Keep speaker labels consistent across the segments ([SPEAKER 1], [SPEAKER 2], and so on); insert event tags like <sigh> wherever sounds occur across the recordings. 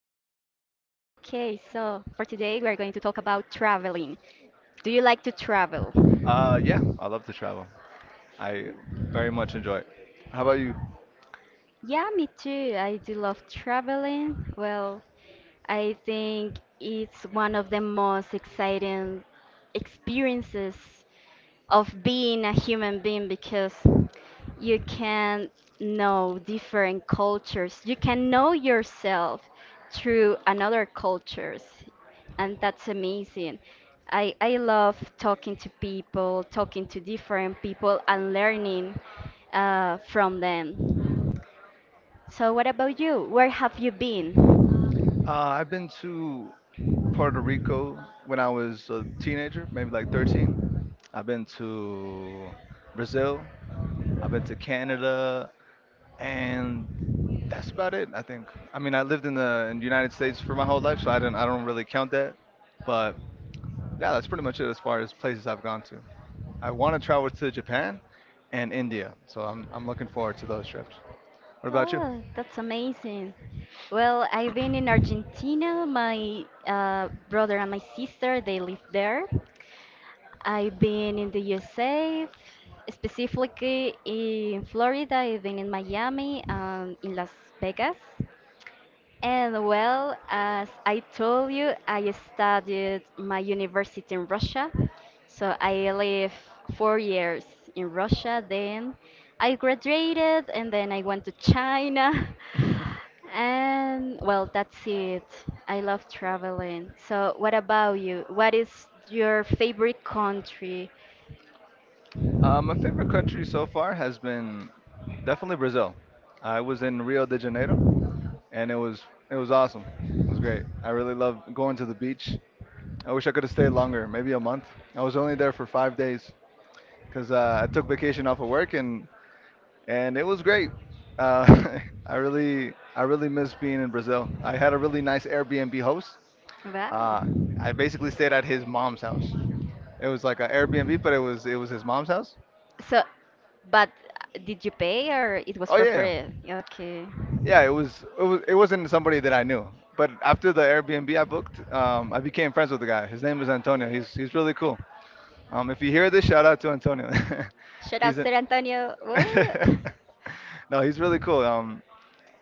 [SPEAKER 1] so for today we are going to talk about traveling. Do you like to travel?
[SPEAKER 2] Yeah, I love to travel. I very much enjoy it. How about you?
[SPEAKER 1] Yeah, me too. I do love traveling. Well, I think it's one of the most exciting experiences of being a human being because you can know different cultures. You can know yourself through another cultures, and that's amazing. I love talking to people, talking to different people, and learning from them. So, what about you? Where have you been?
[SPEAKER 2] I've been to Puerto Rico when I was a teenager, maybe like 13. I've been to Brazil. I've been to Canada, and that's about it, I think. I mean, I lived in the United States for my whole life, so I don't really count that. But yeah, that's pretty much it as far as places I've gone to. I want to travel to Japan and India, so I'm looking forward to those trips. What about you?
[SPEAKER 1] Oh, that's amazing. Well, I've been in Argentina. My brother and my sister, they live there. I've been in the USA, specifically in Florida. I've been in Miami and in Las Vegas. And well, as I told you, I studied my university in Russia. So I lived four years in Russia. Then I graduated and then I went to China. <laughs>
[SPEAKER 2] <laughs>
[SPEAKER 1] And well, that's it. I love traveling. So what about you? What is your favorite country?
[SPEAKER 2] My favorite country so far has been definitely Brazil. I was in Rio de Janeiro, and it was awesome. It was great. I really love going to the beach. I wish I could have stayed longer, maybe a month. I was only there for five days because I took vacation off of work, and it was great. Uh, <laughs> I really miss being in Brazil. I had a really nice Airbnb host.
[SPEAKER 1] Wow.
[SPEAKER 2] Uh, I basically stayed at his mom's house. It was like an Airbnb, but it was his mom's house.
[SPEAKER 1] So, but did you pay or it was
[SPEAKER 2] Oh
[SPEAKER 1] for
[SPEAKER 2] yeah,
[SPEAKER 1] free? Okay.
[SPEAKER 2] yeah. It wasn't somebody that I knew, but after the Airbnb I booked, I became friends with the guy. His name is Antonio. He's really cool. If you hear this, shout out to Antonio.
[SPEAKER 1] Shout
[SPEAKER 2] <laughs>
[SPEAKER 1] out
[SPEAKER 2] He's a.
[SPEAKER 1] Ser Antonio.
[SPEAKER 2] <laughs>
[SPEAKER 1] Woo! <laughs>
[SPEAKER 2] No, he's really cool.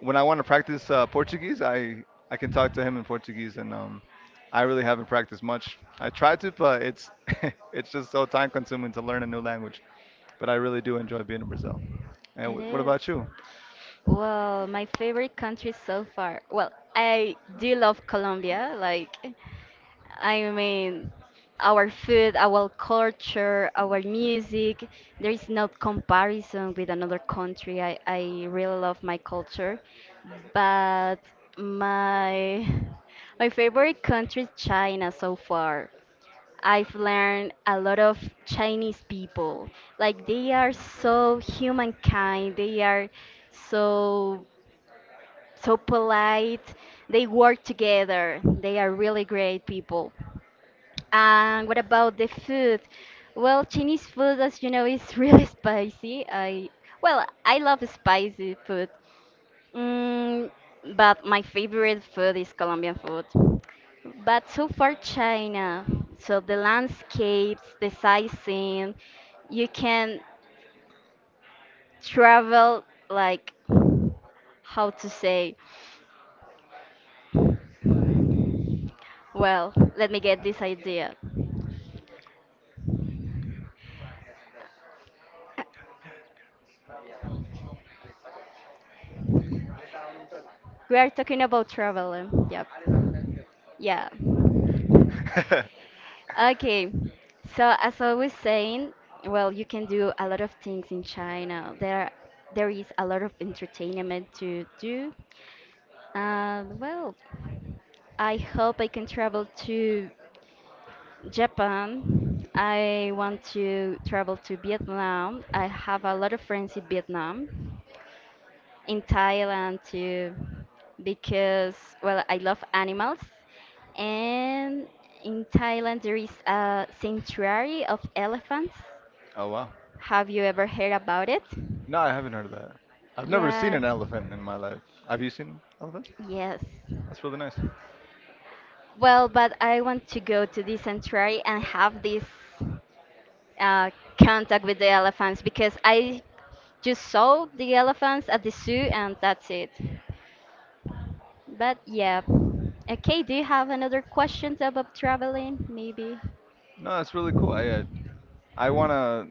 [SPEAKER 2] When I want to practice Portuguese, I can talk to him in Portuguese, and I really haven't practiced much. I tried to, but it's <laughs> it's just so time consuming to learn a new language. But I really do enjoy being in Brazil. And
[SPEAKER 1] It
[SPEAKER 2] what
[SPEAKER 1] is.
[SPEAKER 2] about you?
[SPEAKER 1] Well, my favorite country so far. Well, I do love Colombia. Like, I mean, our food, our culture, our music, there is no comparison with another country. I really love my culture, but my <laughs> my favorite country is China so far. I've learned a lot of Chinese people. Like they are so humankind. They are so so polite. They work together. They are really great people. And what about the food? Well, Chinese food, as you know, is really <laughs> spicy. I well, I love spicy food. Mm, but my favorite food is Colombian food. But so far, China. So the landscapes, the sightseeing, you can travel like how to say. Well, let me get this idea. We are talking about traveling. Yep. Yeah.
[SPEAKER 2] <laughs>
[SPEAKER 1] Okay, so as I was saying, well, you can do a lot of things in China. There is a lot of entertainment to do. And well, I hope I can travel to Japan. I want to travel to Vietnam. I have a lot of friends in Vietnam in Thailand too, because well, I love animals, and in Thailand there is a sanctuary of elephants.
[SPEAKER 2] Oh wow.
[SPEAKER 1] Have you ever heard about it?
[SPEAKER 2] No, I haven't heard of that. I've never seen
[SPEAKER 1] Yeah.
[SPEAKER 2] an elephant in my life. Have you seen elephants?
[SPEAKER 1] Yes.
[SPEAKER 2] That's really nice.
[SPEAKER 1] Well, but I want to go to this sanctuary and have this uh, contact with the elephants because I just saw the elephants at the zoo and that's it. But yeah. Okay, do you have another questions about traveling, maybe?
[SPEAKER 2] No, that's really cool. I wanna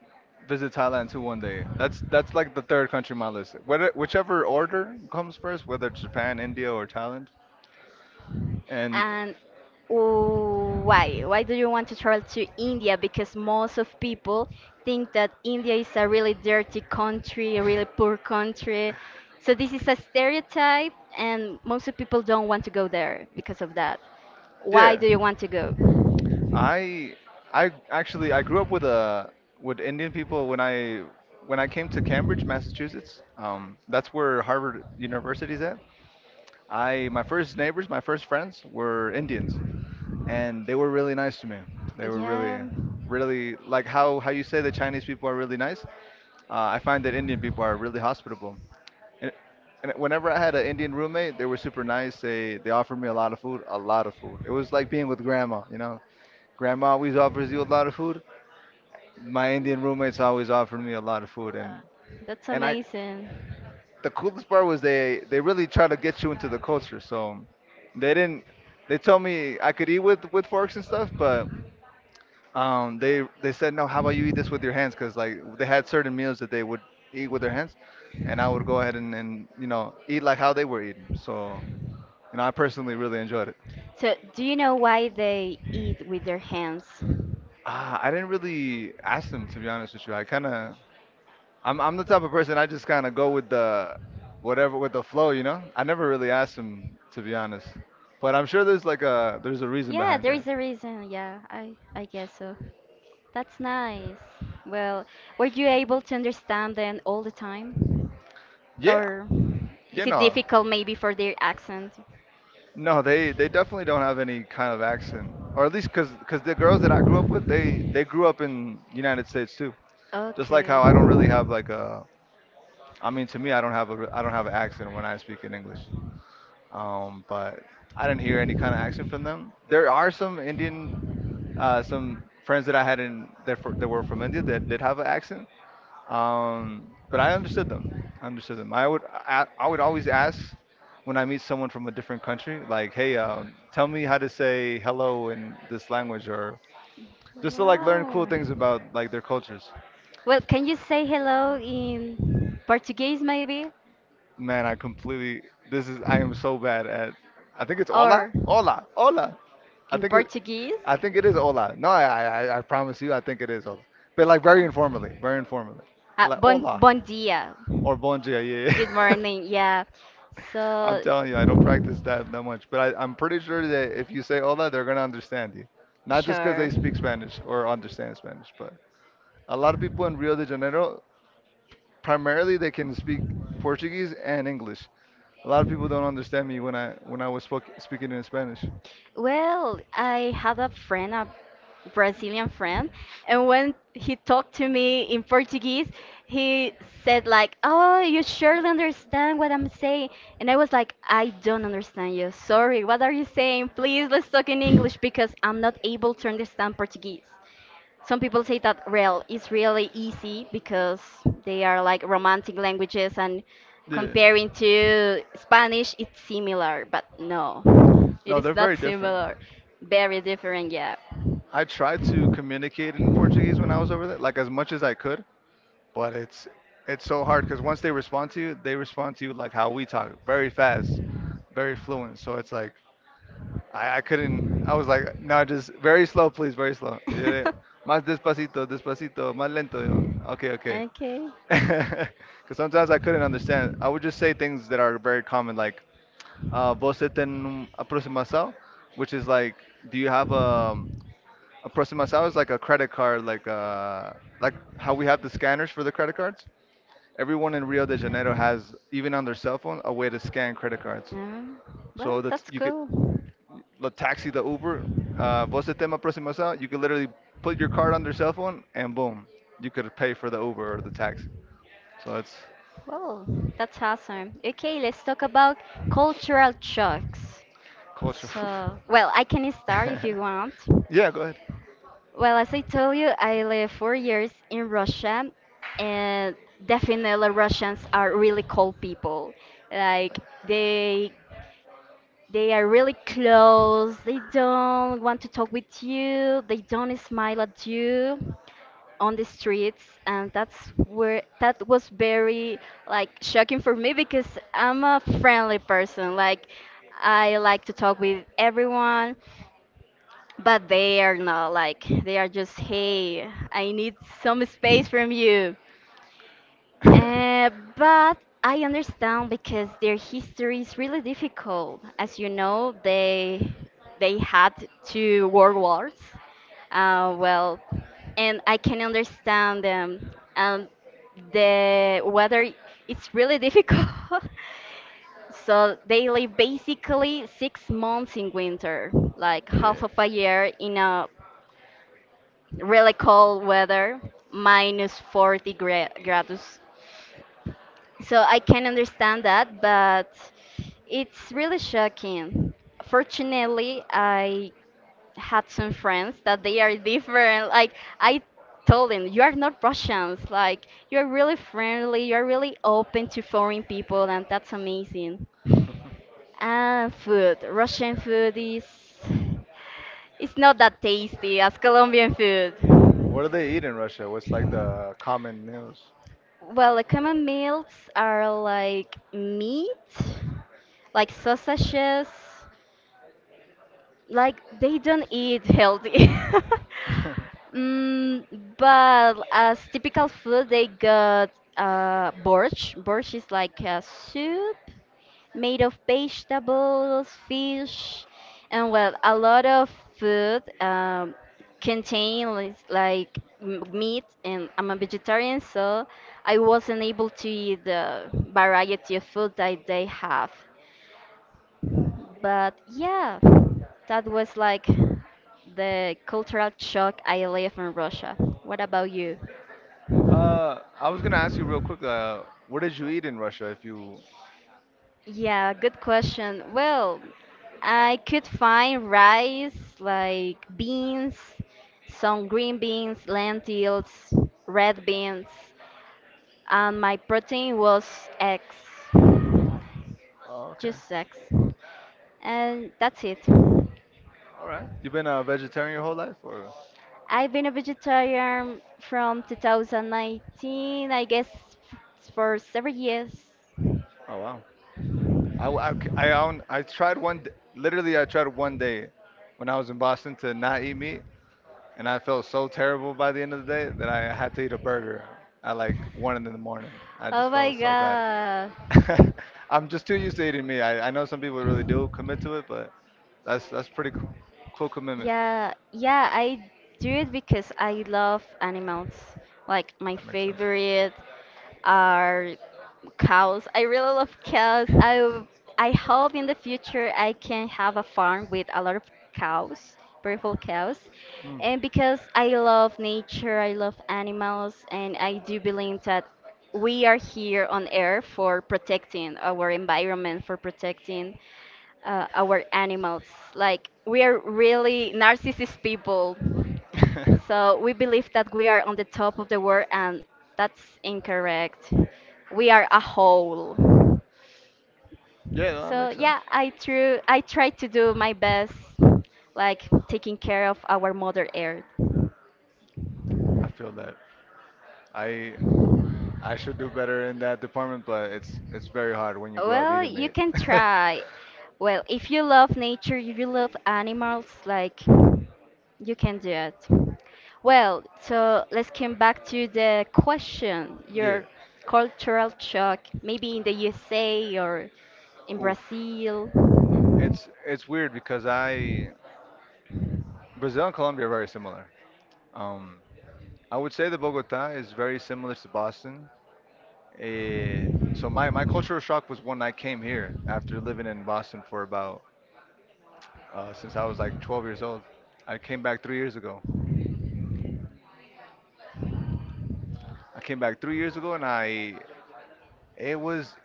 [SPEAKER 2] visit Thailand too one day. That's like the third country on my list. Whether whichever order comes first, whether it's Japan, India, or Thailand. And
[SPEAKER 1] And why? Why do you want to travel to India? Because most of people think that India is a really dirty country, a really poor country. So this is a stereotype, and most of people don't want to go there because of that. Why
[SPEAKER 2] yeah,
[SPEAKER 1] do you want to go?
[SPEAKER 2] I I actually I grew up with a with Indian people when I came to Cambridge, Massachusetts. That's where Harvard University is at. I my first neighbors, my first friends were Indians, and they were really nice to me. They were
[SPEAKER 1] Yeah,
[SPEAKER 2] really, really like how you say the Chinese people are really nice. I find that Indian people are really hospitable. And, and whenever I had an Indian roommate, they were super nice. They offered me a lot of food, a lot of food. It was like being with grandma, you know. Grandma always offers you a lot of food. My Indian roommates always offered me a lot of food,
[SPEAKER 1] uh, that's
[SPEAKER 2] and I
[SPEAKER 1] amazing.
[SPEAKER 2] the coolest part was they really try to get you into the culture. So they didn't. They told me I could eat with forks and stuff, but they said no. How about you eat this with your hands? Because like they had certain meals that they would eat with their hands, and I would go ahead and you know eat like how they were eating. So you know I personally really enjoyed it.
[SPEAKER 1] So do you know why they eat with their hands?
[SPEAKER 2] Ah, I didn't really ask them to be honest with you. I kind of I'm the type of person I just kind of go with the whatever with the flow, you know. I never really asked him to be honest, but I'm sure there's like a there's a reason
[SPEAKER 1] Yeah,
[SPEAKER 2] behind
[SPEAKER 1] there
[SPEAKER 2] that.
[SPEAKER 1] is a reason. Yeah, I guess so. That's nice. Well, were you able to understand them all the time?
[SPEAKER 2] Yeah,
[SPEAKER 1] Or
[SPEAKER 2] yeah,
[SPEAKER 1] is it
[SPEAKER 2] no,
[SPEAKER 1] difficult maybe for their accent?
[SPEAKER 2] no, they definitely don't have any kind of accent, or at least because the girls that I grew up with, they grew up in United States too. Just like
[SPEAKER 1] Okay.
[SPEAKER 2] how I don't really have like a, I mean to me I don't have a I don't have an accent when I speak in English. But I didn't hear any kind of action from them. There are some some friends that I had in that were from India that did have an accent, but I understood them. I understood them. I would always ask when I meet someone from a different country, like, hey, tell me how to say hello in this language, or just to like learn
[SPEAKER 1] Wow.
[SPEAKER 2] cool things about like their cultures.
[SPEAKER 1] Well, can you say hello in Portuguese maybe?
[SPEAKER 2] Man, I completely this is I am so bad at. I think it's
[SPEAKER 1] Or
[SPEAKER 2] hola. I
[SPEAKER 1] in
[SPEAKER 2] think it,
[SPEAKER 1] Portuguese?
[SPEAKER 2] I think it is hola. No, I promise you, I think it is hola. But like very informally, like
[SPEAKER 1] Bon,
[SPEAKER 2] hola
[SPEAKER 1] bon dia.
[SPEAKER 2] or bon dia. Yeah.
[SPEAKER 1] Good
[SPEAKER 2] <laughs>
[SPEAKER 1] morning. Yeah.
[SPEAKER 2] I'm
[SPEAKER 1] So,
[SPEAKER 2] telling you, I don't practice that much, but I'm pretty sure that if you say hola, they're gonna understand you. Not just because
[SPEAKER 1] sure.
[SPEAKER 2] they speak Spanish or understand Spanish, but a lot of people in Rio de Janeiro, primarily they can speak Portuguese and English. A lot of people don't understand me when I was speaking in Spanish.
[SPEAKER 1] Well, I had a friend, a Brazilian friend, and when he talked to me in Portuguese, he said like, "Oh, you surely understand what I'm saying." And I was like, "I don't understand you. Sorry. What are you saying? Please, let's talk in English because I'm not able to understand Portuguese." Some people say that real is really easy because they are like romantic languages and
[SPEAKER 2] Yeah.
[SPEAKER 1] comparing to Spanish it's similar, but no. It
[SPEAKER 2] No,
[SPEAKER 1] is
[SPEAKER 2] they're
[SPEAKER 1] not
[SPEAKER 2] very different.
[SPEAKER 1] similar. Very different, yeah.
[SPEAKER 2] I tried to communicate in Portuguese when I was over there, like as much as I could, but it's so hard because once they respond to you, they respond to you like how we talk, very fast, very fluent. So it's like I couldn't. I was
[SPEAKER 1] <laughs>
[SPEAKER 2] like, no, just very slow, please, very slow. Yeah, Más despacito, despacito, más lento. Yo, okay, okay.
[SPEAKER 1] okay.
[SPEAKER 2] <laughs> Because sometimes I couldn't understand. I would just say things that are very common, like você tem aproximação, which is like, do you have a aproximação is like a credit card, like how we have the scanners for the credit cards. Everyone in Rio de Janeiro has, even on their cell phone, a way to scan credit cards.
[SPEAKER 1] Yeah.
[SPEAKER 2] So
[SPEAKER 1] Well,
[SPEAKER 2] that's
[SPEAKER 1] that's
[SPEAKER 2] you could,
[SPEAKER 1] cool.
[SPEAKER 2] the taxi, the Uber, você tem aproximação. You could literally put your card on their cell phone and boom, you could pay for the Uber or the taxi. So it's
[SPEAKER 1] Well, that's awesome. Okay, let's talk about cultural shocks.
[SPEAKER 2] culture.
[SPEAKER 1] So, well, I can start if you want.
[SPEAKER 2] <laughs> Yeah, go
[SPEAKER 1] Well, as I told you, I lived four years in Russia, and definitely Russians are really cold people. Like they they are really close. They don't want to talk with you. They don't smile at you on the streets, and that's where that was very like shocking for me because I'm a friendly person. Like I like to talk with everyone. But they are not like they are just hey, I need some space from you.
[SPEAKER 2] ahead.
[SPEAKER 1] Uh, but I
[SPEAKER 2] <laughs>
[SPEAKER 1] understand because their history is really difficult. As you know, they had two world wars. Well, and I can understand them. The weather it's really difficult. <laughs> So they live basically six months in winter, like half
[SPEAKER 2] Yeah.
[SPEAKER 1] of a year in a really cold weather, minus 40 grados. So I can understand that, but it's really shocking. Fortunately, I had some friends that they are different. Like I told them, you are not Russians. Like you're really friendly. You're really open to foreign people, and that's amazing. And food, Russian food is it's not that tasty as Colombian food.
[SPEAKER 2] What do they eat in Russia? What's like the common meals?
[SPEAKER 1] Well, the common meals are like meat, like sausages, like they don't eat healthy. <laughs>
[SPEAKER 2] <laughs>
[SPEAKER 1] Mm, but as typical food, they got borscht. Borscht is like a soup made of vegetables, fish, and well, a lot of food contain like, meat. And I'm a vegetarian, so I wasn't able to eat the variety of food that they have. But yeah, that was like the cultural shock I live in Russia. What about you?
[SPEAKER 2] I was gonna ask you real quick, what did you eat in Russia if you,
[SPEAKER 1] Yeah, good question. Well, I could find rice, like beans, some green beans, lentils, red beans, and my protein was eggs,
[SPEAKER 2] oh, okay.
[SPEAKER 1] just eggs. And that's it.
[SPEAKER 2] All right. You've been a vegetarian your whole life, or?
[SPEAKER 1] I've been a vegetarian from 2019, I guess, for seven years.
[SPEAKER 2] Oh wow. I tried Literally, I tried one day when I was in Boston to not eat meat, and I felt so terrible by the end of the day that I had to eat a burger at like one in the morning. I
[SPEAKER 1] Oh
[SPEAKER 2] just
[SPEAKER 1] my
[SPEAKER 2] felt so bad.
[SPEAKER 1] God.
[SPEAKER 2] <laughs> I'm just too used to eating meat. I know some people really do commit to it, but that's pretty cool commitment.
[SPEAKER 1] Yeah, yeah, I do it because I love animals. Like my
[SPEAKER 2] That makes sense.
[SPEAKER 1] favorite. Are cows. I really love cows. I hope in the future I can have a farm with a lot of cows, beautiful cows.
[SPEAKER 2] Mm.
[SPEAKER 1] And because I love nature, I love animals, and I do believe that we are here on earth for protecting our environment, for protecting our animals. Like we are really
[SPEAKER 2] <laughs>
[SPEAKER 1] narcissist people. So we believe that we are on the top of the world, and that's incorrect. We are a whole.
[SPEAKER 2] Yeah, no, that
[SPEAKER 1] So
[SPEAKER 2] makes sense.
[SPEAKER 1] yeah, I tried to do my best, like taking care of our mother earth.
[SPEAKER 2] I feel that I I should do better in that department, but it's very hard when you grow up
[SPEAKER 1] Well,
[SPEAKER 2] eating
[SPEAKER 1] you
[SPEAKER 2] meat.
[SPEAKER 1] can
[SPEAKER 2] <laughs>
[SPEAKER 1] try. Well, if you love nature, if you love animals, like you can do it. Well, so let's come back to the question,
[SPEAKER 2] Yeah.
[SPEAKER 1] your cultural shock, maybe in the USA or in
[SPEAKER 2] Oof,
[SPEAKER 1] Brazil.
[SPEAKER 2] it's weird because I Brazil and Colombia are very similar. Um, I would say that Bogota is very similar to Boston. Eh, so my cultural shock was when I came here after living in Boston for about since I was like 12 years old. I came back three years ago. I came back three years ago, and I it was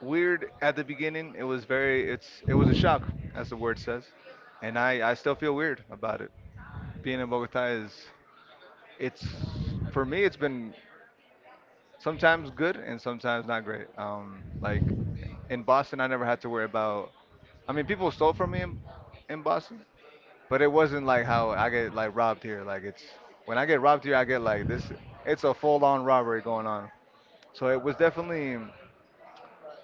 [SPEAKER 2] weird at the beginning. It was very it was a shock, as the word says, and I still feel weird about it. Being in Bogota is it's for me it's been sometimes good and sometimes not great. Like in Boston, I never had to worry about. I mean, people stole from me in Boston. But it wasn't like how I get like robbed here. Like it's when I get robbed here, I get like this. It's a full-on robbery going on. So it was definitely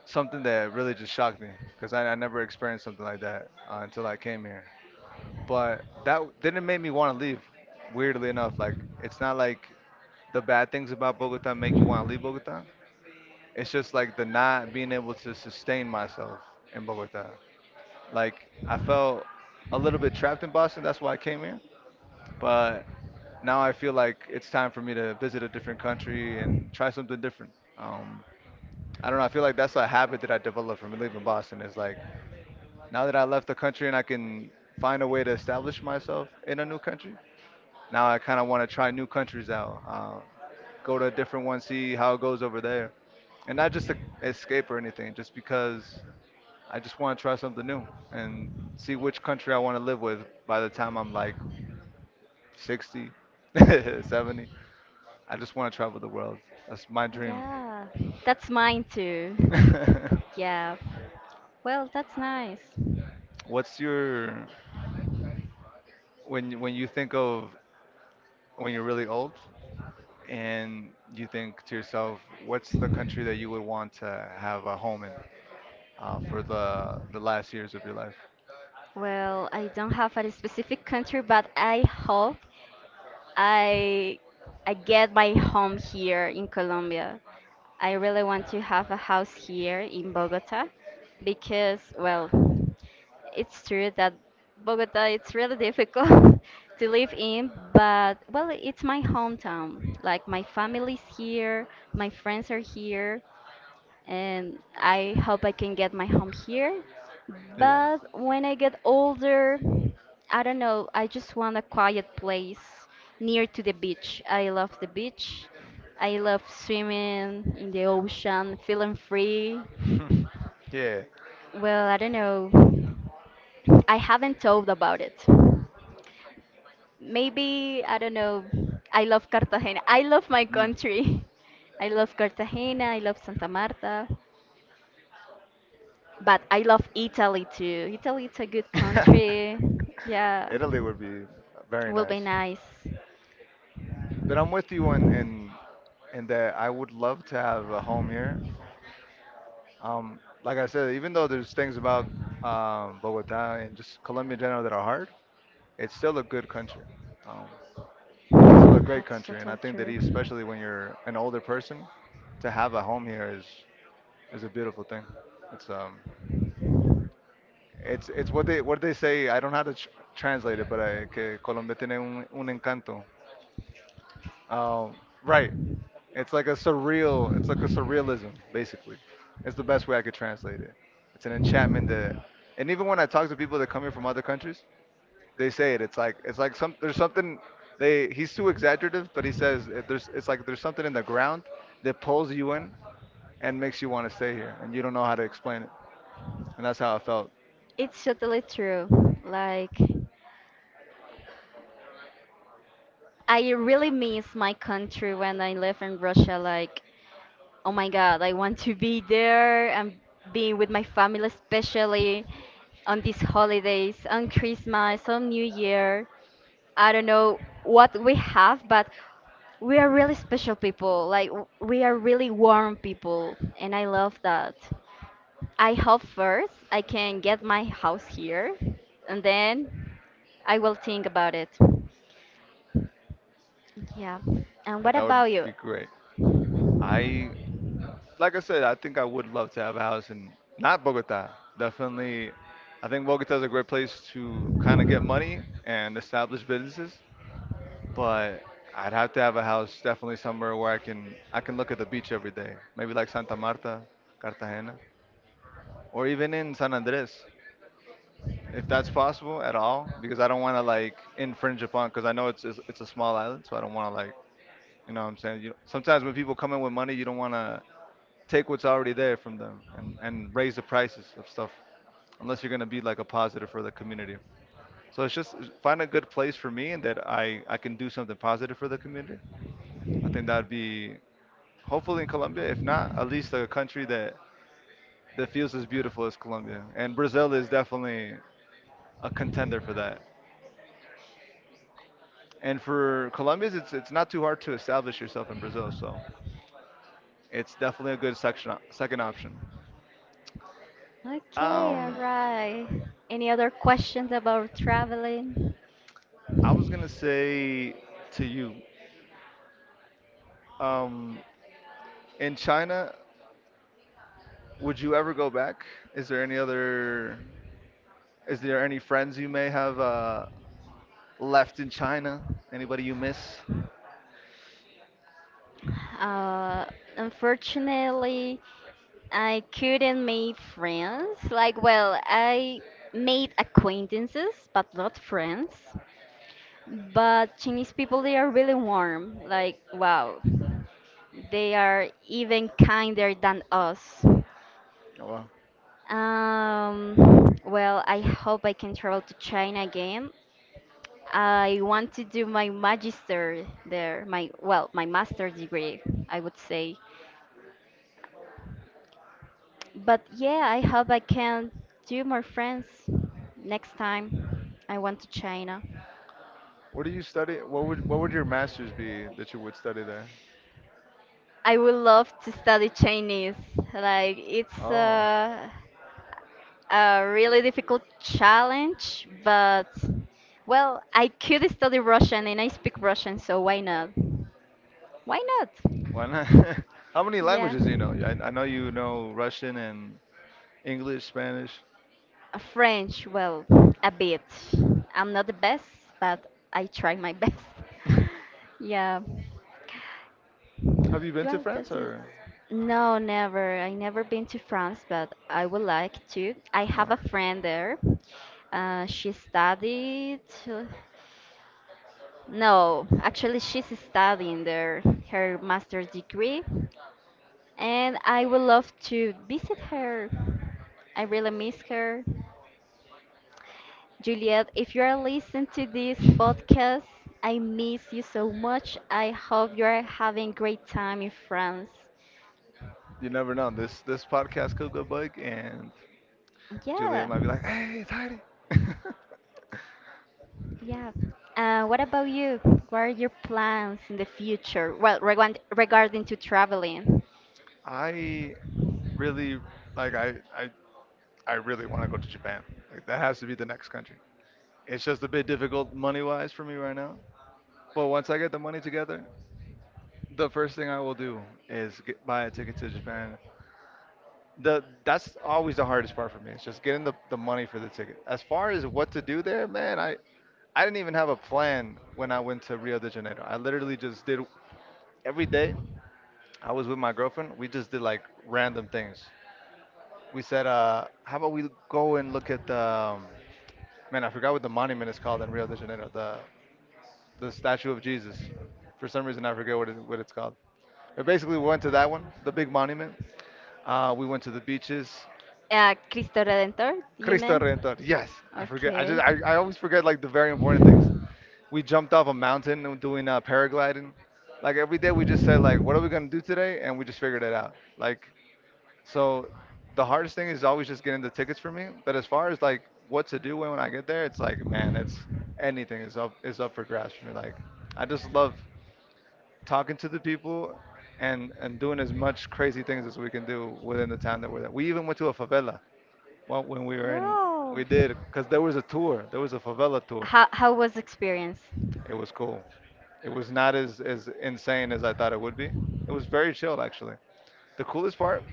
[SPEAKER 2] something that really just shocked me because I never experienced something like that until I came here. But that didn't make me want to leave. Weirdly enough, like it's not like the bad things about Bogota make you want to leave Bogota. It's just like the not being able to sustain myself in Bogota. Like I felt a little bit trapped in Boston. That's why I came here. But now I feel like it's time for me to visit a different country and try something different. Um, I don't know. I feel like that's a habit that I developed from leaving Boston. Is like now that I left the country and I can find a way to establish myself in a new country. Now I kind of want to try new countries out, go to a different one, see how it goes over there, and not just to escape or anything. Just because I just want to try something new and see which country I want to live with by the time I'm like 60, <laughs> 70. I just want to travel the world. That's my dream.
[SPEAKER 1] Yeah, that's mine too.
[SPEAKER 2] <laughs>
[SPEAKER 1] Yeah. Well, that's nice.
[SPEAKER 2] What's your when you think of when you're really old and you think to yourself, what's the country that you would want to have a home in for the last years of your life?
[SPEAKER 1] Well, I don't have a specific country, but I hope I I get my home here in Colombia. I really want to have a house here in Bogota because well, it's true that Bogota it's really difficult <laughs> to live in, but well, it's my hometown. Like my family's here, my friends are here, and I hope I can get my home here.
[SPEAKER 2] Yeah.
[SPEAKER 1] But when I get older, I don't know, I just want a quiet place near to the beach. I love the beach. I love swimming in the ocean, feeling free.
[SPEAKER 2] <laughs> Yeah.
[SPEAKER 1] Well, I don't know. I haven't thought about it. Maybe, I don't know. I love Cartagena. I love my
[SPEAKER 2] Mm.
[SPEAKER 1] country. <laughs> I love Cartagena. I love Santa Marta. But I love Italy too. Italy is a good country.
[SPEAKER 2] <laughs>
[SPEAKER 1] Yeah,
[SPEAKER 2] Italy would be very
[SPEAKER 1] will be
[SPEAKER 2] nice.
[SPEAKER 1] nice.
[SPEAKER 2] But I'm with you in in that I would love to have a home here. Um, like I said, even though there's things about Bogota and just Colombia in general that are hard, it's still a good country. Um, it's still a great
[SPEAKER 1] That's
[SPEAKER 2] country, and I
[SPEAKER 1] total
[SPEAKER 2] think that
[SPEAKER 1] true.
[SPEAKER 2] especially when you're an older person, to have a home here is a beautiful thing. It's it's what they say. I don't know how to tr translate it, but I, que Colombia tiene un encanto. Um, right. It's like a surreal. It's like a surrealism, basically. It's the best way I could translate it. It's an enchantment that, and even when I talk to people that come here from other countries, they say it. It's like some there's something. They he's too exaggerative, but he says it, there's it's like there's something in the ground that pulls you in and makes you want to stay here, and you don't know how to explain it. And that's how I felt.
[SPEAKER 1] It's totally true. Like, I really miss my country when I live in Russia. Like, oh my God, I want to be there and be with my family, especially on these holidays, on Christmas, on New Year. I don't know what we have, but we are really special people. Like we are really warm people, and I love that. I hope first I can get my house here, and then I will think about it. Yeah. And what
[SPEAKER 2] Like, that would
[SPEAKER 1] about you?
[SPEAKER 2] be great. I Like I said, I think I would love to have a house in not Bogota. Definitely, I think Bogota is a great place to kind of get money and establish businesses. But I'd have to have a house definitely somewhere where I can look at the beach every day. Maybe like Santa Marta, Cartagena, or even in San Andres, if that's possible at all. Because I don't want to like infringe upon because I know it's a small island, so I don't want to like you know what I'm saying. You, sometimes when people come in with money, you don't want to take what's already there from them and raise the prices of stuff unless you're going to be like a positive for the community, so it's just find a good place for me and that I can do something positive for the community. I think that would be hopefully in Colombia, if not at least a country that feels as beautiful as Colombia. And Brazil is definitely a contender for that, and for Colombians it's not too hard to establish yourself in Brazil, so it's definitely a good section second option.
[SPEAKER 1] Okay, all
[SPEAKER 2] um
[SPEAKER 1] right. Any other questions about traveling?
[SPEAKER 2] I was going to say to you, um, in China, would you ever go back? Is there any other? Is there any friends you may have left in China? Anybody you miss? Oh,
[SPEAKER 1] Uh, unfortunately, I couldn't make friends. Like, well, I made acquaintances, but not friends. But Chinese people, they are really warm. Like, wow, they are even kinder than us.
[SPEAKER 2] wow.
[SPEAKER 1] Well, I hope I can travel to China again. I want to do my magister there, my well, my master's degree, I would say. But yeah, I hope I can do more friends next time I went to China.
[SPEAKER 2] What do you study? What would your masters be that you would study there?
[SPEAKER 1] I would love to study Chinese. Like it's
[SPEAKER 2] Oh,
[SPEAKER 1] a really difficult challenge, but well, I could study Russian and I speak Russian, so why not? Why not?
[SPEAKER 2] why not? <laughs> How many
[SPEAKER 1] Yeah.
[SPEAKER 2] languages do you know? I know you know Russian and English, Spanish.
[SPEAKER 1] French, well, a bit. I'm not the best, but I try my <laughs> best.
[SPEAKER 2] <laughs>
[SPEAKER 1] Yeah.
[SPEAKER 2] Have you been to
[SPEAKER 1] Well,
[SPEAKER 2] France
[SPEAKER 1] that is.
[SPEAKER 2] or?
[SPEAKER 1] No, never. I never been to France, but I would like to. I
[SPEAKER 2] Oh.
[SPEAKER 1] have a friend there. She studied. uh, No, actually, she's studying there her master's degree, and I would love to visit her. I really miss her. Juliet, if you are listening to this
[SPEAKER 2] <laughs>
[SPEAKER 1] podcast, I miss you so much. I hope you are having great time in France.
[SPEAKER 2] You never know. This podcast could go bug, and Julia
[SPEAKER 1] Yeah,
[SPEAKER 2] might be like, "Hey, it's Heidi."
[SPEAKER 1] yeah. What about you? What are your plans in the future? Well, regarding to traveling.
[SPEAKER 2] <laughs> I really like. I I I really want to go to Japan. Like, that has to be the next country. It's just a bit difficult money wise for me right now. But once I get the money together, the first thing I will do is buy a ticket to Japan. The that's always the hardest part for me. It's just getting the money for the ticket. As far as what to do there, man, I didn't even have a plan when I went to Rio de Janeiro. I literally just did every day. I was with my girlfriend. We just did like random things. We said, how about we go and look at man, I forgot what the monument is called in Rio de Janeiro, the statue of Jesus. For some reason, I forget what it's called. But basically, we went to that one, the big monument. We went to the beaches.
[SPEAKER 1] Cristo Redentor, you
[SPEAKER 2] Cristo
[SPEAKER 1] mean?
[SPEAKER 2] Redentor. Yes, I forget. I
[SPEAKER 1] Okay.
[SPEAKER 2] just, I, I always forget like the very important things. We jumped off a mountain and doing paragliding. Like every day, we just said like, what are we gonna do today? And we just figured it out. Like, so the hardest thing is always just getting the tickets for me. But as far as like what to do when I get there, it's like, man, it's anything is up for grabs for me. Like, I just love talking to the people and doing as much crazy things as we can do within the town that we're in. We even went to a favela well, when we were in.
[SPEAKER 1] Wow.
[SPEAKER 2] We did because there was a tour. There was a favela tour.
[SPEAKER 1] How was the experience?
[SPEAKER 2] It was cool. It was not as insane as I thought it would be. It was very chill actually. The coolest part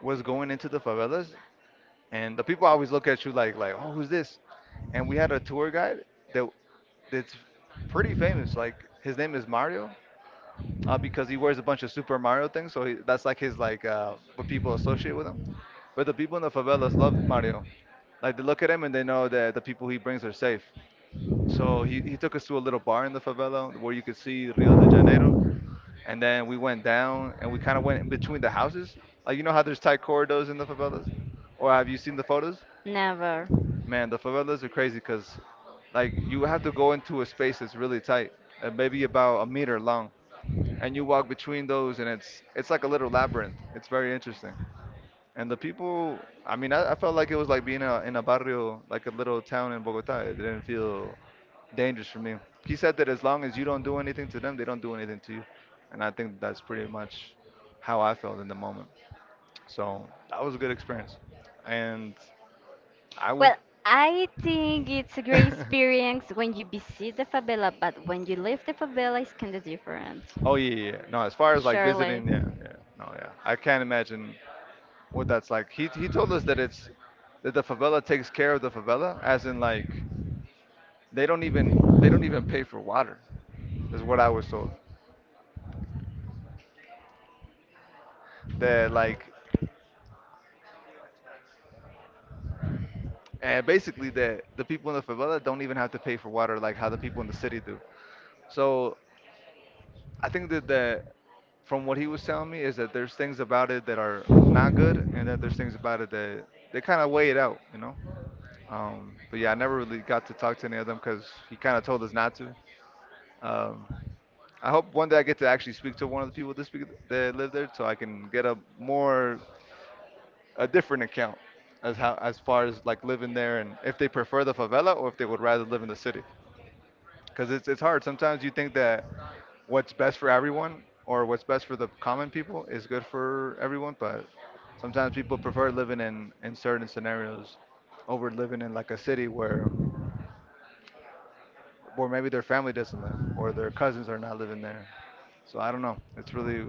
[SPEAKER 2] was going into the favelas, and the people always look at you like oh, who's this? And we had a tour guide that that's pretty famous. Like, his name is Mario, because he wears a bunch of Super Mario things, so he, that's like his like what people associate with him. But the people in the favelas love Mario, like they look at him and they know that the people he brings are safe. So he took us to a little bar in the favela where you could see Rio de Janeiro, and then we went down, and we kind of went between the houses, like, you know how there's tight corridors in the favelas, or have you seen the photos?
[SPEAKER 1] Never.
[SPEAKER 2] Man, the favelas are crazy because, like, you have to go into a space that's really tight, maybe about a meter long, and you walk between those, and it's like a little labyrinth. It's very interesting. And the people, I mean, I felt like it was like being in a barrio, like a little town in Bogota. It didn't feel dangerous for me. He said that as long as you don't do anything to them, they don't do anything to you, and I think that's pretty much how I felt in the moment. So that was a good experience, and I would.
[SPEAKER 1] Well, I think it's a great
[SPEAKER 2] <laughs>
[SPEAKER 1] experience when you visit the favela, but when you leave the favela, it's kind of different.
[SPEAKER 2] Oh yeah, yeah, yeah. No, as far as like
[SPEAKER 1] Surely.
[SPEAKER 2] visiting, yeah, yeah. No, yeah. I can't imagine what that's like. He told us that it's that the favela takes care of the favela, as in like they don't even pay for water, is what I was told. That, like, and basically the people in the favela don't even have to pay for water like how the people in the city do. So I think that the from what he was telling me is that there's things about it that are not good and that there's things about it that they kind of weigh it out. But yeah, I never really got to talk to any of them because he kind of told us not to. Um, I hope one day I get to actually speak to one of the people that live there, so I can get a different account as far as like living there, and if they prefer the favela or if they would rather live in the city. Because it's hard. Sometimes you think that what's best for everyone or what's best for the common people is good for everyone, but sometimes people prefer living in certain scenarios over living in like a city where or maybe their family doesn't live, or their cousins are not living there. So I don't know. It's really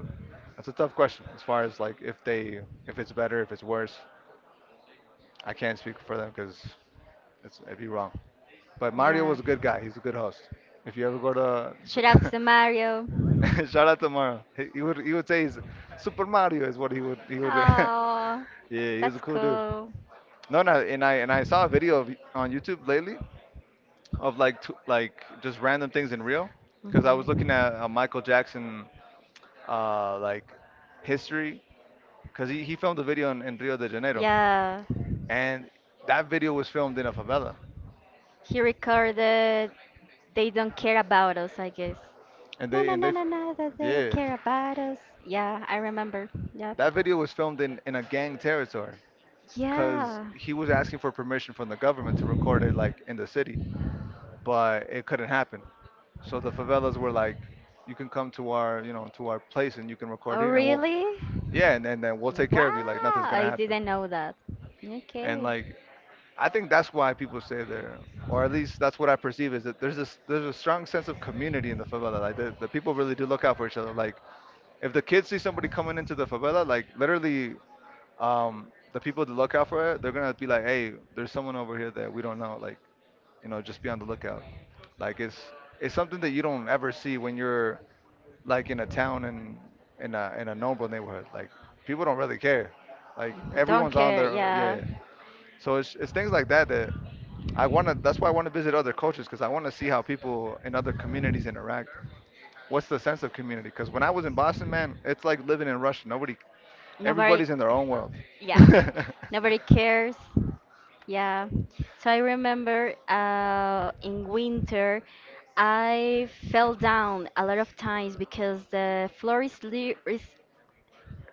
[SPEAKER 2] That's a tough question as far as like if it's better, if it's worse. I can't speak for them because it'd be wrong. But Mario
[SPEAKER 1] Yeah.
[SPEAKER 2] was a good guy. He's a good host. If you ever go
[SPEAKER 1] Shout out
[SPEAKER 2] to
[SPEAKER 1] to Mario.
[SPEAKER 2] <laughs> shout out to Mario, he would say he's Super Mario is what he would. <laughs> Yeah,
[SPEAKER 1] Oh,
[SPEAKER 2] he was a
[SPEAKER 1] that's
[SPEAKER 2] cool dude.
[SPEAKER 1] cool.
[SPEAKER 2] No, no, and I saw a video on YouTube lately of like just random things in real because I was looking at a Michael Jackson like history because he filmed a video in Rio de Janeiro,
[SPEAKER 1] Yeah,
[SPEAKER 2] and that video was filmed in a favela,
[SPEAKER 1] he recorded They Don't Care About Us, I guess.
[SPEAKER 2] and
[SPEAKER 1] No, no, no, no, no, that they don't
[SPEAKER 2] yeah,
[SPEAKER 1] care about us. Yeah, I remember. Yep.
[SPEAKER 2] that video was filmed in a gang territory because
[SPEAKER 1] Yeah.
[SPEAKER 2] he was asking for permission from the government to record it like in the city, but it couldn't happen. So the favelas were like, you can come to our you know to our place and you can record
[SPEAKER 1] Oh,
[SPEAKER 2] here, and we'll
[SPEAKER 1] really?
[SPEAKER 2] yeah, and then we'll take care of you like
[SPEAKER 1] Wow,
[SPEAKER 2] nothing's gonna
[SPEAKER 1] I
[SPEAKER 2] happen.
[SPEAKER 1] didn't know that.
[SPEAKER 2] And
[SPEAKER 1] Okay.
[SPEAKER 2] like I think that's why people stay there, or at least that's what I perceive is that there's a strong sense of community in the favela. Like the people really do look out for each other. Like if the kids see somebody coming into the favela, like literally, um, the people that look out for it, they're gonna be like, hey, there's someone over here that we don't know. Like you know, just be on the lookout. Like it's it's something that you don't ever see when you're like in a town and in a normal neighborhood. Like people don't really care. Like
[SPEAKER 1] Don't
[SPEAKER 2] everyone's on
[SPEAKER 1] care,
[SPEAKER 2] their yeah,
[SPEAKER 1] yeah.
[SPEAKER 2] yeah. So it's things like that that I want to. That's why I want to visit other cultures because I want to see how people in other communities interact. What's the sense of community? Because when I was in Boston, man, it's like living in Russia. Nobody,
[SPEAKER 1] Nobody,
[SPEAKER 2] everybody's in their own world.
[SPEAKER 1] yeah. <laughs>
[SPEAKER 2] <laughs>
[SPEAKER 1] Nobody cares. Yeah. So I remember in winter I fell down a lot of times because the floor is, is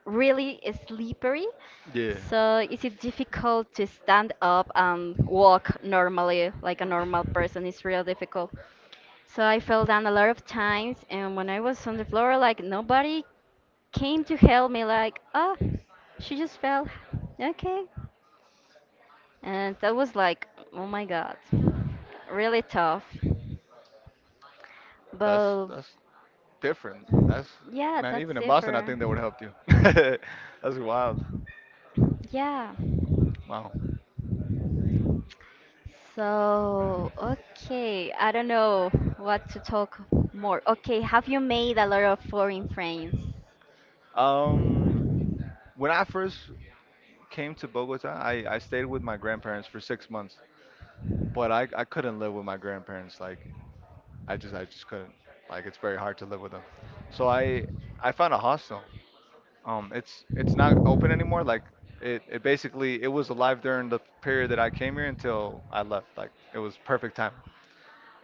[SPEAKER 1] really slippery.
[SPEAKER 2] yeah,
[SPEAKER 1] So is it difficult to stand up and walk normally like a normal person? It's real difficult. So I fell down a lot of times, and when I was on the floor, like nobody came to help me like, "Oh, she just fell." Okay. And that was like, oh my god, really tough. But
[SPEAKER 2] that's different. That's
[SPEAKER 1] yeah,
[SPEAKER 2] Man.
[SPEAKER 1] that's
[SPEAKER 2] Even in
[SPEAKER 1] it
[SPEAKER 2] Boston, I
[SPEAKER 1] for.
[SPEAKER 2] think that would help you. <laughs> that's wild.
[SPEAKER 1] Yeah.
[SPEAKER 2] Wow.
[SPEAKER 1] So, okay, I don't know what to talk more. Okay, have you made a lot of foreign friends?
[SPEAKER 2] Um, when I first came to Bogota, I stayed with my grandparents for 6 months, but I couldn't live with my grandparents. Like I just couldn't. Like it's very hard to live with them. So I found a hostel. It's not open anymore. Like it basically it was alive during the period that I came here until I left. Like it was perfect time.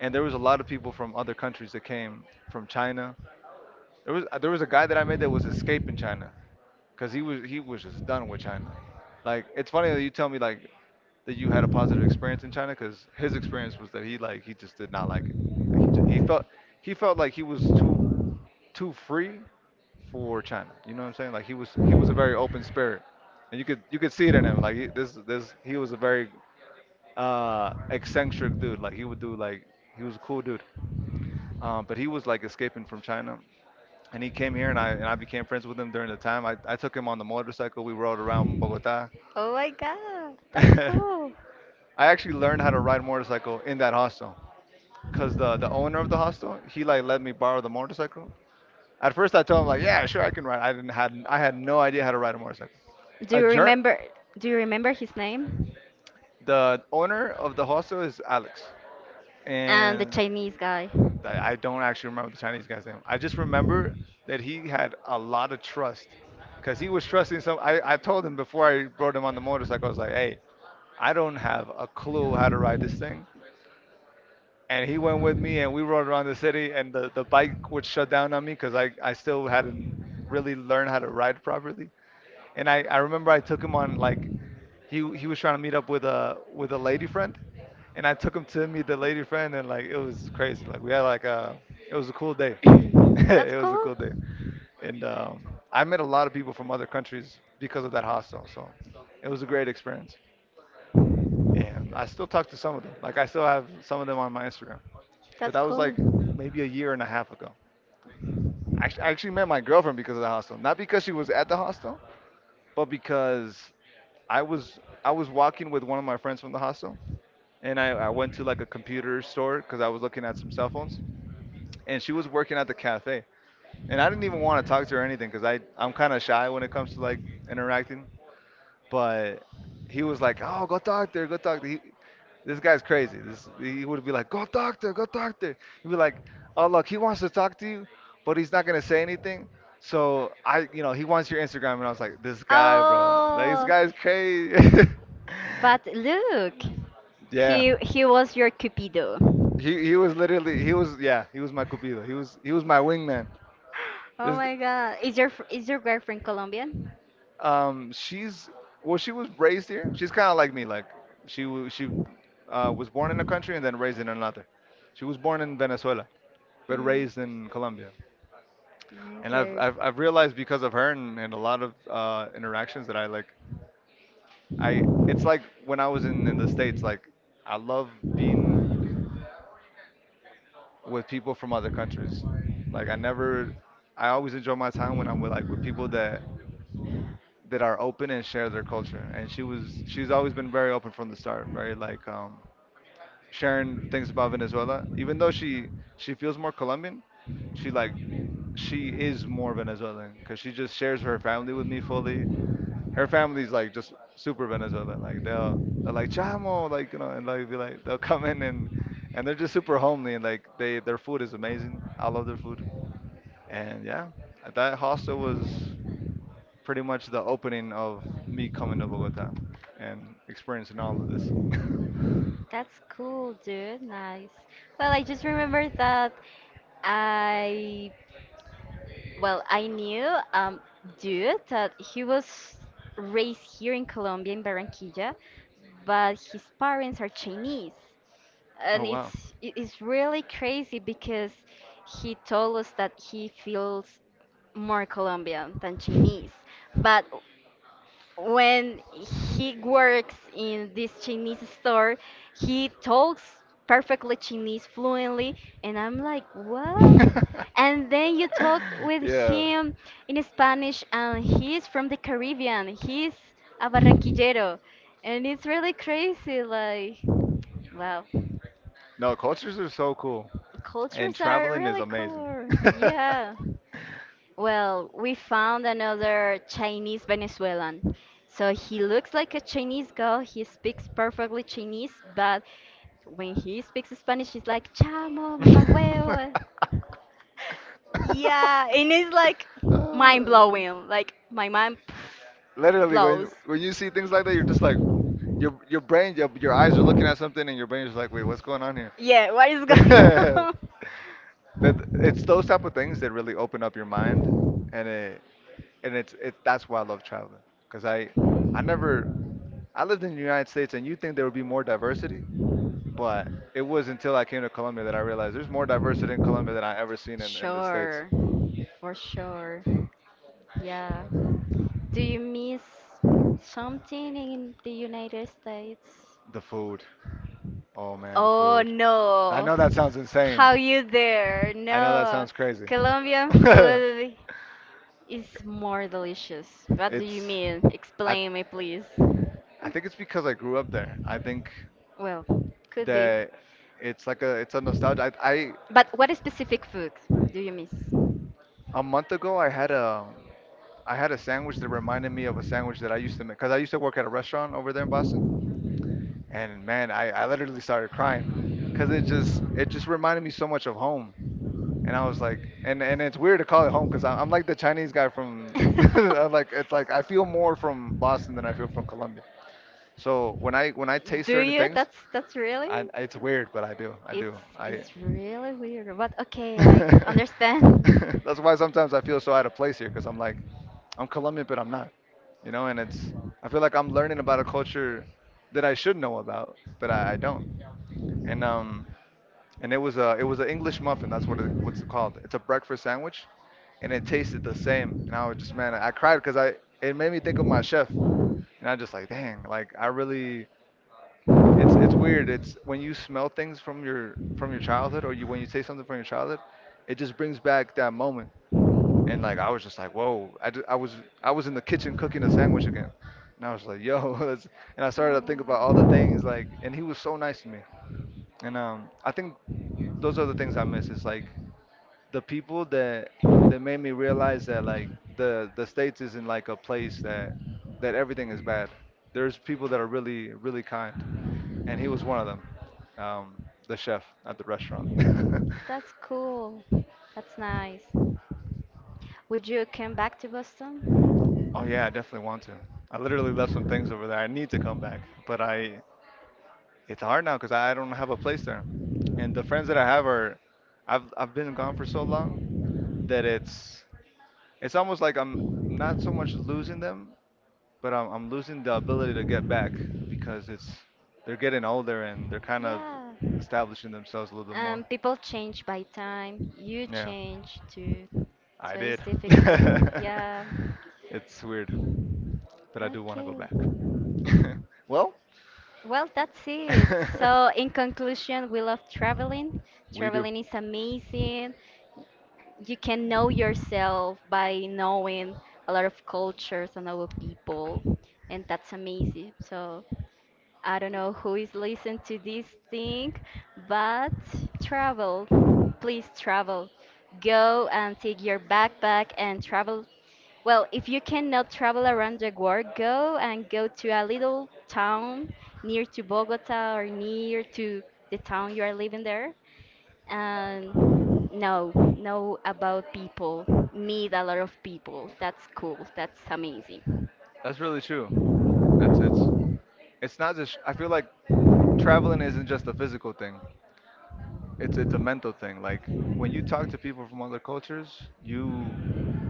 [SPEAKER 2] And there was a lot of people from other countries that came from China. There was a guy that I met that was escaping China because he was just done with China. Like it's funny that you tell me like that you had a positive experience in China because his experience was that he like he just did not like it. He felt he felt like he was too free for China. You know what I'm saying? Like he was a very open spirit, and you could see it in him. Like he, this he was a very eccentric dude. Like he would do like he was a cool dude, but he was like escaping from China. And he came here, and I became friends with him during the time. I took him on the motorcycle. We rode around Bogota.
[SPEAKER 1] Oh my god,
[SPEAKER 2] <laughs>
[SPEAKER 1] that's
[SPEAKER 2] I
[SPEAKER 1] cool.
[SPEAKER 2] actually learned how to ride a motorcycle in that hostel, cause the owner of the hostel he like let me borrow the motorcycle. At first, I told him like, yeah, sure, I can ride. I had no idea how to ride a motorcycle.
[SPEAKER 1] Do you
[SPEAKER 2] Adjourn.
[SPEAKER 1] remember do you remember his name?
[SPEAKER 2] The owner of the hostel is Alex,
[SPEAKER 1] And the
[SPEAKER 2] and
[SPEAKER 1] Chinese guy.
[SPEAKER 2] I don't actually remember the Chinese guy's name. I just remember that he had a lot of trust, cause he was trusting some. I told him before I rode him on the motorcycle. I was like, hey, I don't have a clue how to ride this thing, and he went with me, and we rode around the city, and the bike would shut down on me, cause I still hadn't really learned how to ride properly. And I remember I took him on like he was trying to meet up with a lady friend and I took him to meet the lady friend, and like it was crazy. Like we had like it was a cool day. <laughs>
[SPEAKER 1] That's
[SPEAKER 2] it was a
[SPEAKER 1] cool.
[SPEAKER 2] cool day, and I met a lot of people from other countries because of that hostel. So it was a great experience, and I still talk to some of them. Like I still have some of them on my Instagram, but
[SPEAKER 1] That's
[SPEAKER 2] that was
[SPEAKER 1] cool.
[SPEAKER 2] like maybe a year and a half ago. I actually met my girlfriend because of the hostel, not because she was at the hostel, but because I was walking with one of my friends from the hostel, and I went to like a computer store because I was looking at some cell phones and she was working at the cafe. And I didn't even want to talk to her or anything because I'm kind of shy when it comes to like interacting. But he was like, "Oh, go talk to her, go talk to her." This guy's crazy. This He would be like, "Go talk to her, go talk to her." He'd be like, "Oh, look, he wants to talk to you, but he's not gonna say anything." So I, you know, he wants your Instagram, and I was like, "This guy, bro, like this
[SPEAKER 1] Oh,
[SPEAKER 2] guy's crazy." <laughs>
[SPEAKER 1] but look,
[SPEAKER 2] yeah.
[SPEAKER 1] he was your cupido.
[SPEAKER 2] He was literally he was yeah he was my cupido he was my wingman
[SPEAKER 1] Oh
[SPEAKER 2] this.
[SPEAKER 1] my God, is your is your girlfriend Colombian?
[SPEAKER 2] She's well, she was raised here. She's kind of like me. Like she was born in a country and then raised in another. She was born in Venezuela but
[SPEAKER 1] Mm,
[SPEAKER 2] raised in Colombia. And
[SPEAKER 1] okay,
[SPEAKER 2] I've realized because of her and a lot of interactions that I like. I It's like when I was in the States. Like I love being with people from other countries. Like I never. I always enjoy my time when I'm with with people that are open and share their culture. And she's always been very open from the start, very like sharing things about Venezuela. Even though she feels more Colombian, she like she is more Venezuelan because she just shares her family with me fully. Her family's like just super Venezuelan. Like they're like chamo, like you know, and like be like they'll come in and they're just super homely and like they their food is amazing. I love their food. And yeah, that hostel was pretty much the opening of me coming to Bogota and experiencing all of this. <laughs>
[SPEAKER 1] that's cool, dude. Nice. Well, I just remembered that I well, I knew um dude that he was raised here in Colombia in Barranquilla, but his parents are Chinese.
[SPEAKER 2] oh
[SPEAKER 1] And
[SPEAKER 2] wow.
[SPEAKER 1] it's it's really crazy because he told us that he feels more Colombian than Chinese. But when he works in this Chinese store, he talks perfectly Chinese fluently, and I'm like, what? <laughs> And
[SPEAKER 2] <laughs>
[SPEAKER 1] then you talk with
[SPEAKER 2] yeah.
[SPEAKER 1] him in Spanish, and he's from the Caribbean. He's a Barranquillero, and it's really crazy. Like, wow,
[SPEAKER 2] No, cultures are so cool. And
[SPEAKER 1] cultures are
[SPEAKER 2] traveling is
[SPEAKER 1] really
[SPEAKER 2] amazing.
[SPEAKER 1] cool.
[SPEAKER 2] <laughs>
[SPEAKER 1] <laughs> Yeah. Well, we found another Chinese Venezuelan. So he looks like a Chinese girl. He speaks perfectly Chinese, but when he speaks Spanish, he's like chamo, mamá huevo. Yeah, and it's like mind
[SPEAKER 2] Uh,
[SPEAKER 1] blowing. Like my mind pff,
[SPEAKER 2] Literally, when
[SPEAKER 1] blows.
[SPEAKER 2] you see things like that, you're just like your brain, your eyes are looking at something, and your brain is like, wait, what's going on here?
[SPEAKER 1] Yeah, what is going
[SPEAKER 2] <laughs>
[SPEAKER 1] <laughs>
[SPEAKER 2] That it's those type of things that really open up your mind, and it and it's it that's why I love traveling because I
[SPEAKER 1] on?
[SPEAKER 2] never I lived in the United States, and
[SPEAKER 1] And
[SPEAKER 2] you
[SPEAKER 1] you
[SPEAKER 2] would think
[SPEAKER 1] think
[SPEAKER 2] there
[SPEAKER 1] there
[SPEAKER 2] would be
[SPEAKER 1] will be
[SPEAKER 2] more diversity,
[SPEAKER 1] more
[SPEAKER 2] but
[SPEAKER 1] diversity?
[SPEAKER 2] it was until I came to Colombia
[SPEAKER 1] But
[SPEAKER 2] that
[SPEAKER 1] that I
[SPEAKER 2] I
[SPEAKER 1] realized
[SPEAKER 2] realized there's
[SPEAKER 1] there's more
[SPEAKER 2] more
[SPEAKER 1] diversity
[SPEAKER 2] diversity
[SPEAKER 1] in
[SPEAKER 2] in Colombia
[SPEAKER 1] Colombia than
[SPEAKER 2] than I ever seen
[SPEAKER 1] I.
[SPEAKER 2] in the States.
[SPEAKER 1] Sure, for sure. Yeah. Do you miss something in the United States?
[SPEAKER 2] The food. Oh man, the
[SPEAKER 1] Oh, I no.
[SPEAKER 2] food. I
[SPEAKER 1] know
[SPEAKER 2] know that
[SPEAKER 1] that
[SPEAKER 2] sounds
[SPEAKER 1] sounds insane.
[SPEAKER 2] insane.
[SPEAKER 1] How you dare?
[SPEAKER 2] I know that
[SPEAKER 1] No.
[SPEAKER 2] sounds crazy.
[SPEAKER 1] Colombian <laughs>
[SPEAKER 2] <laughs>
[SPEAKER 1] food is more delicious. What do you
[SPEAKER 2] it's
[SPEAKER 1] mean?
[SPEAKER 2] I
[SPEAKER 1] Explain me, please.
[SPEAKER 2] think it's because I grew up there. I think
[SPEAKER 1] Well, could be.
[SPEAKER 2] that it's like a it's a nostalgia. I
[SPEAKER 1] But what specific food do you miss?
[SPEAKER 2] a month ago I had a sandwich that reminded me of a sandwich that I used to make because I used to work at a restaurant over there in Boston. And man, I literally started crying because it just reminded me so much of home. And I was like, and it's weird to call it home because I'm like the Chinese guy from <laughs> I'm
[SPEAKER 1] <laughs> <laughs>
[SPEAKER 2] like it's like I feel more from Boston than I feel from Colombia. So when I taste
[SPEAKER 1] Do her,
[SPEAKER 2] certain
[SPEAKER 1] you? Dialects,
[SPEAKER 2] things,
[SPEAKER 1] that's really it's
[SPEAKER 2] it's weird, but I do I
[SPEAKER 1] weird.
[SPEAKER 2] do
[SPEAKER 1] it's
[SPEAKER 2] I.
[SPEAKER 1] it's really weird. But okay, <laughs>
[SPEAKER 2] <laughs>
[SPEAKER 1] understand.
[SPEAKER 2] That's why sometimes I feel so out of place here because I'm like, I'm Colombian, but I'm not, you know, and I feel like I'm learning about a culture that I should know about, but I don't. And, it was a it was an English muffin. That's what it what's it called. It's a breakfast sandwich, and it tasted the same. And I was just man, I cried because I it made me think of my chef, and I just like dang, like I really it's weird. It's when you smell things from your childhood, or you when you taste something from your childhood, it just brings back that moment. And like I was just like, whoa! I was in the kitchen cooking a sandwich again, and I was like, yo, <laughs> that's, and I started to think about all the things like, and he was so nice to me. And I think those are the things I miss. Is like the people that made me realize that like the states isn't like a place that everything is bad. There's people that are really really kind and he was one of them, um, the chef at the restaurant. <laughs>
[SPEAKER 1] That's cool. That's nice. Would you come back to Boston?
[SPEAKER 2] oh yeah, I definitely want to. I literally left some things over there. I need to come back, but I it's hard now because I don't have a place there, and the friends that I have are, I've been gone for so long that it's almost like I'm not so much losing them, but I'm losing the ability to get back because it's they're getting older and they're kind of
[SPEAKER 1] Yeah.
[SPEAKER 2] establishing themselves a little bit more.
[SPEAKER 1] People change by time. You
[SPEAKER 2] Yeah.
[SPEAKER 1] change too.
[SPEAKER 2] I
[SPEAKER 1] So it's
[SPEAKER 2] did.
[SPEAKER 1] difficult. <laughs>
[SPEAKER 2] <laughs>
[SPEAKER 1] Yeah.
[SPEAKER 2] It's weird, but I do want to
[SPEAKER 1] Okay.
[SPEAKER 2] go back. <laughs> Well,
[SPEAKER 1] Well, that's it. <laughs> So,
[SPEAKER 2] <laughs>
[SPEAKER 1] in conclusion, we love traveling.
[SPEAKER 2] we do.
[SPEAKER 1] Traveling is amazing. You can know yourself by knowing a lot of cultures and other people, and that's amazing. So, I don't know who is listening to this thing, but travel. Please travel. Go and take your backpack and travel. Well, if you cannot travel around the world, go and go to a little town near to Bogota or near to the town you are living there and know know about people, meet a lot of people. That's cool. That's amazing.
[SPEAKER 2] That's really true. It's it's it's not just. I feel like traveling isn't just a physical thing. It's a mental thing. Like when you talk to people from other cultures,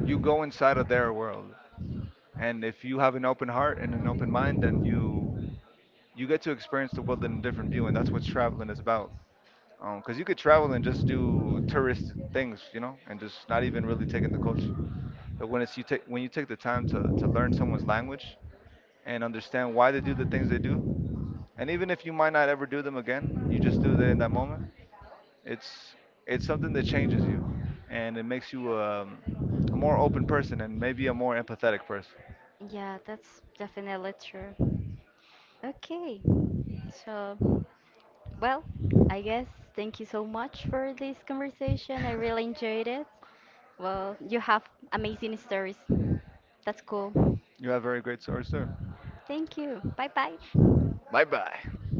[SPEAKER 2] you go inside of their world, and if you have an open heart and an open mind, then you get to experience the world in a different view, and that's what traveling is about. 'Cause you could travel and just do tourist things, you know, and just not even really taking the culture. But when you take the time to learn someone's language and understand why they do the things they do, and even if you might not ever do them again, you just do that in that moment. It's it's something that changes you, and it makes you a more open person and maybe a more empathetic person.
[SPEAKER 1] Yeah, that's definitely true. Okay, so, well, I guess thank you so much for this conversation. I really
[SPEAKER 2] <laughs>
[SPEAKER 1] enjoyed it. Well, you have amazing stories. That's cool.
[SPEAKER 2] you have very great stories, sir.
[SPEAKER 1] Thank you. Bye bye.
[SPEAKER 2] Bye bye.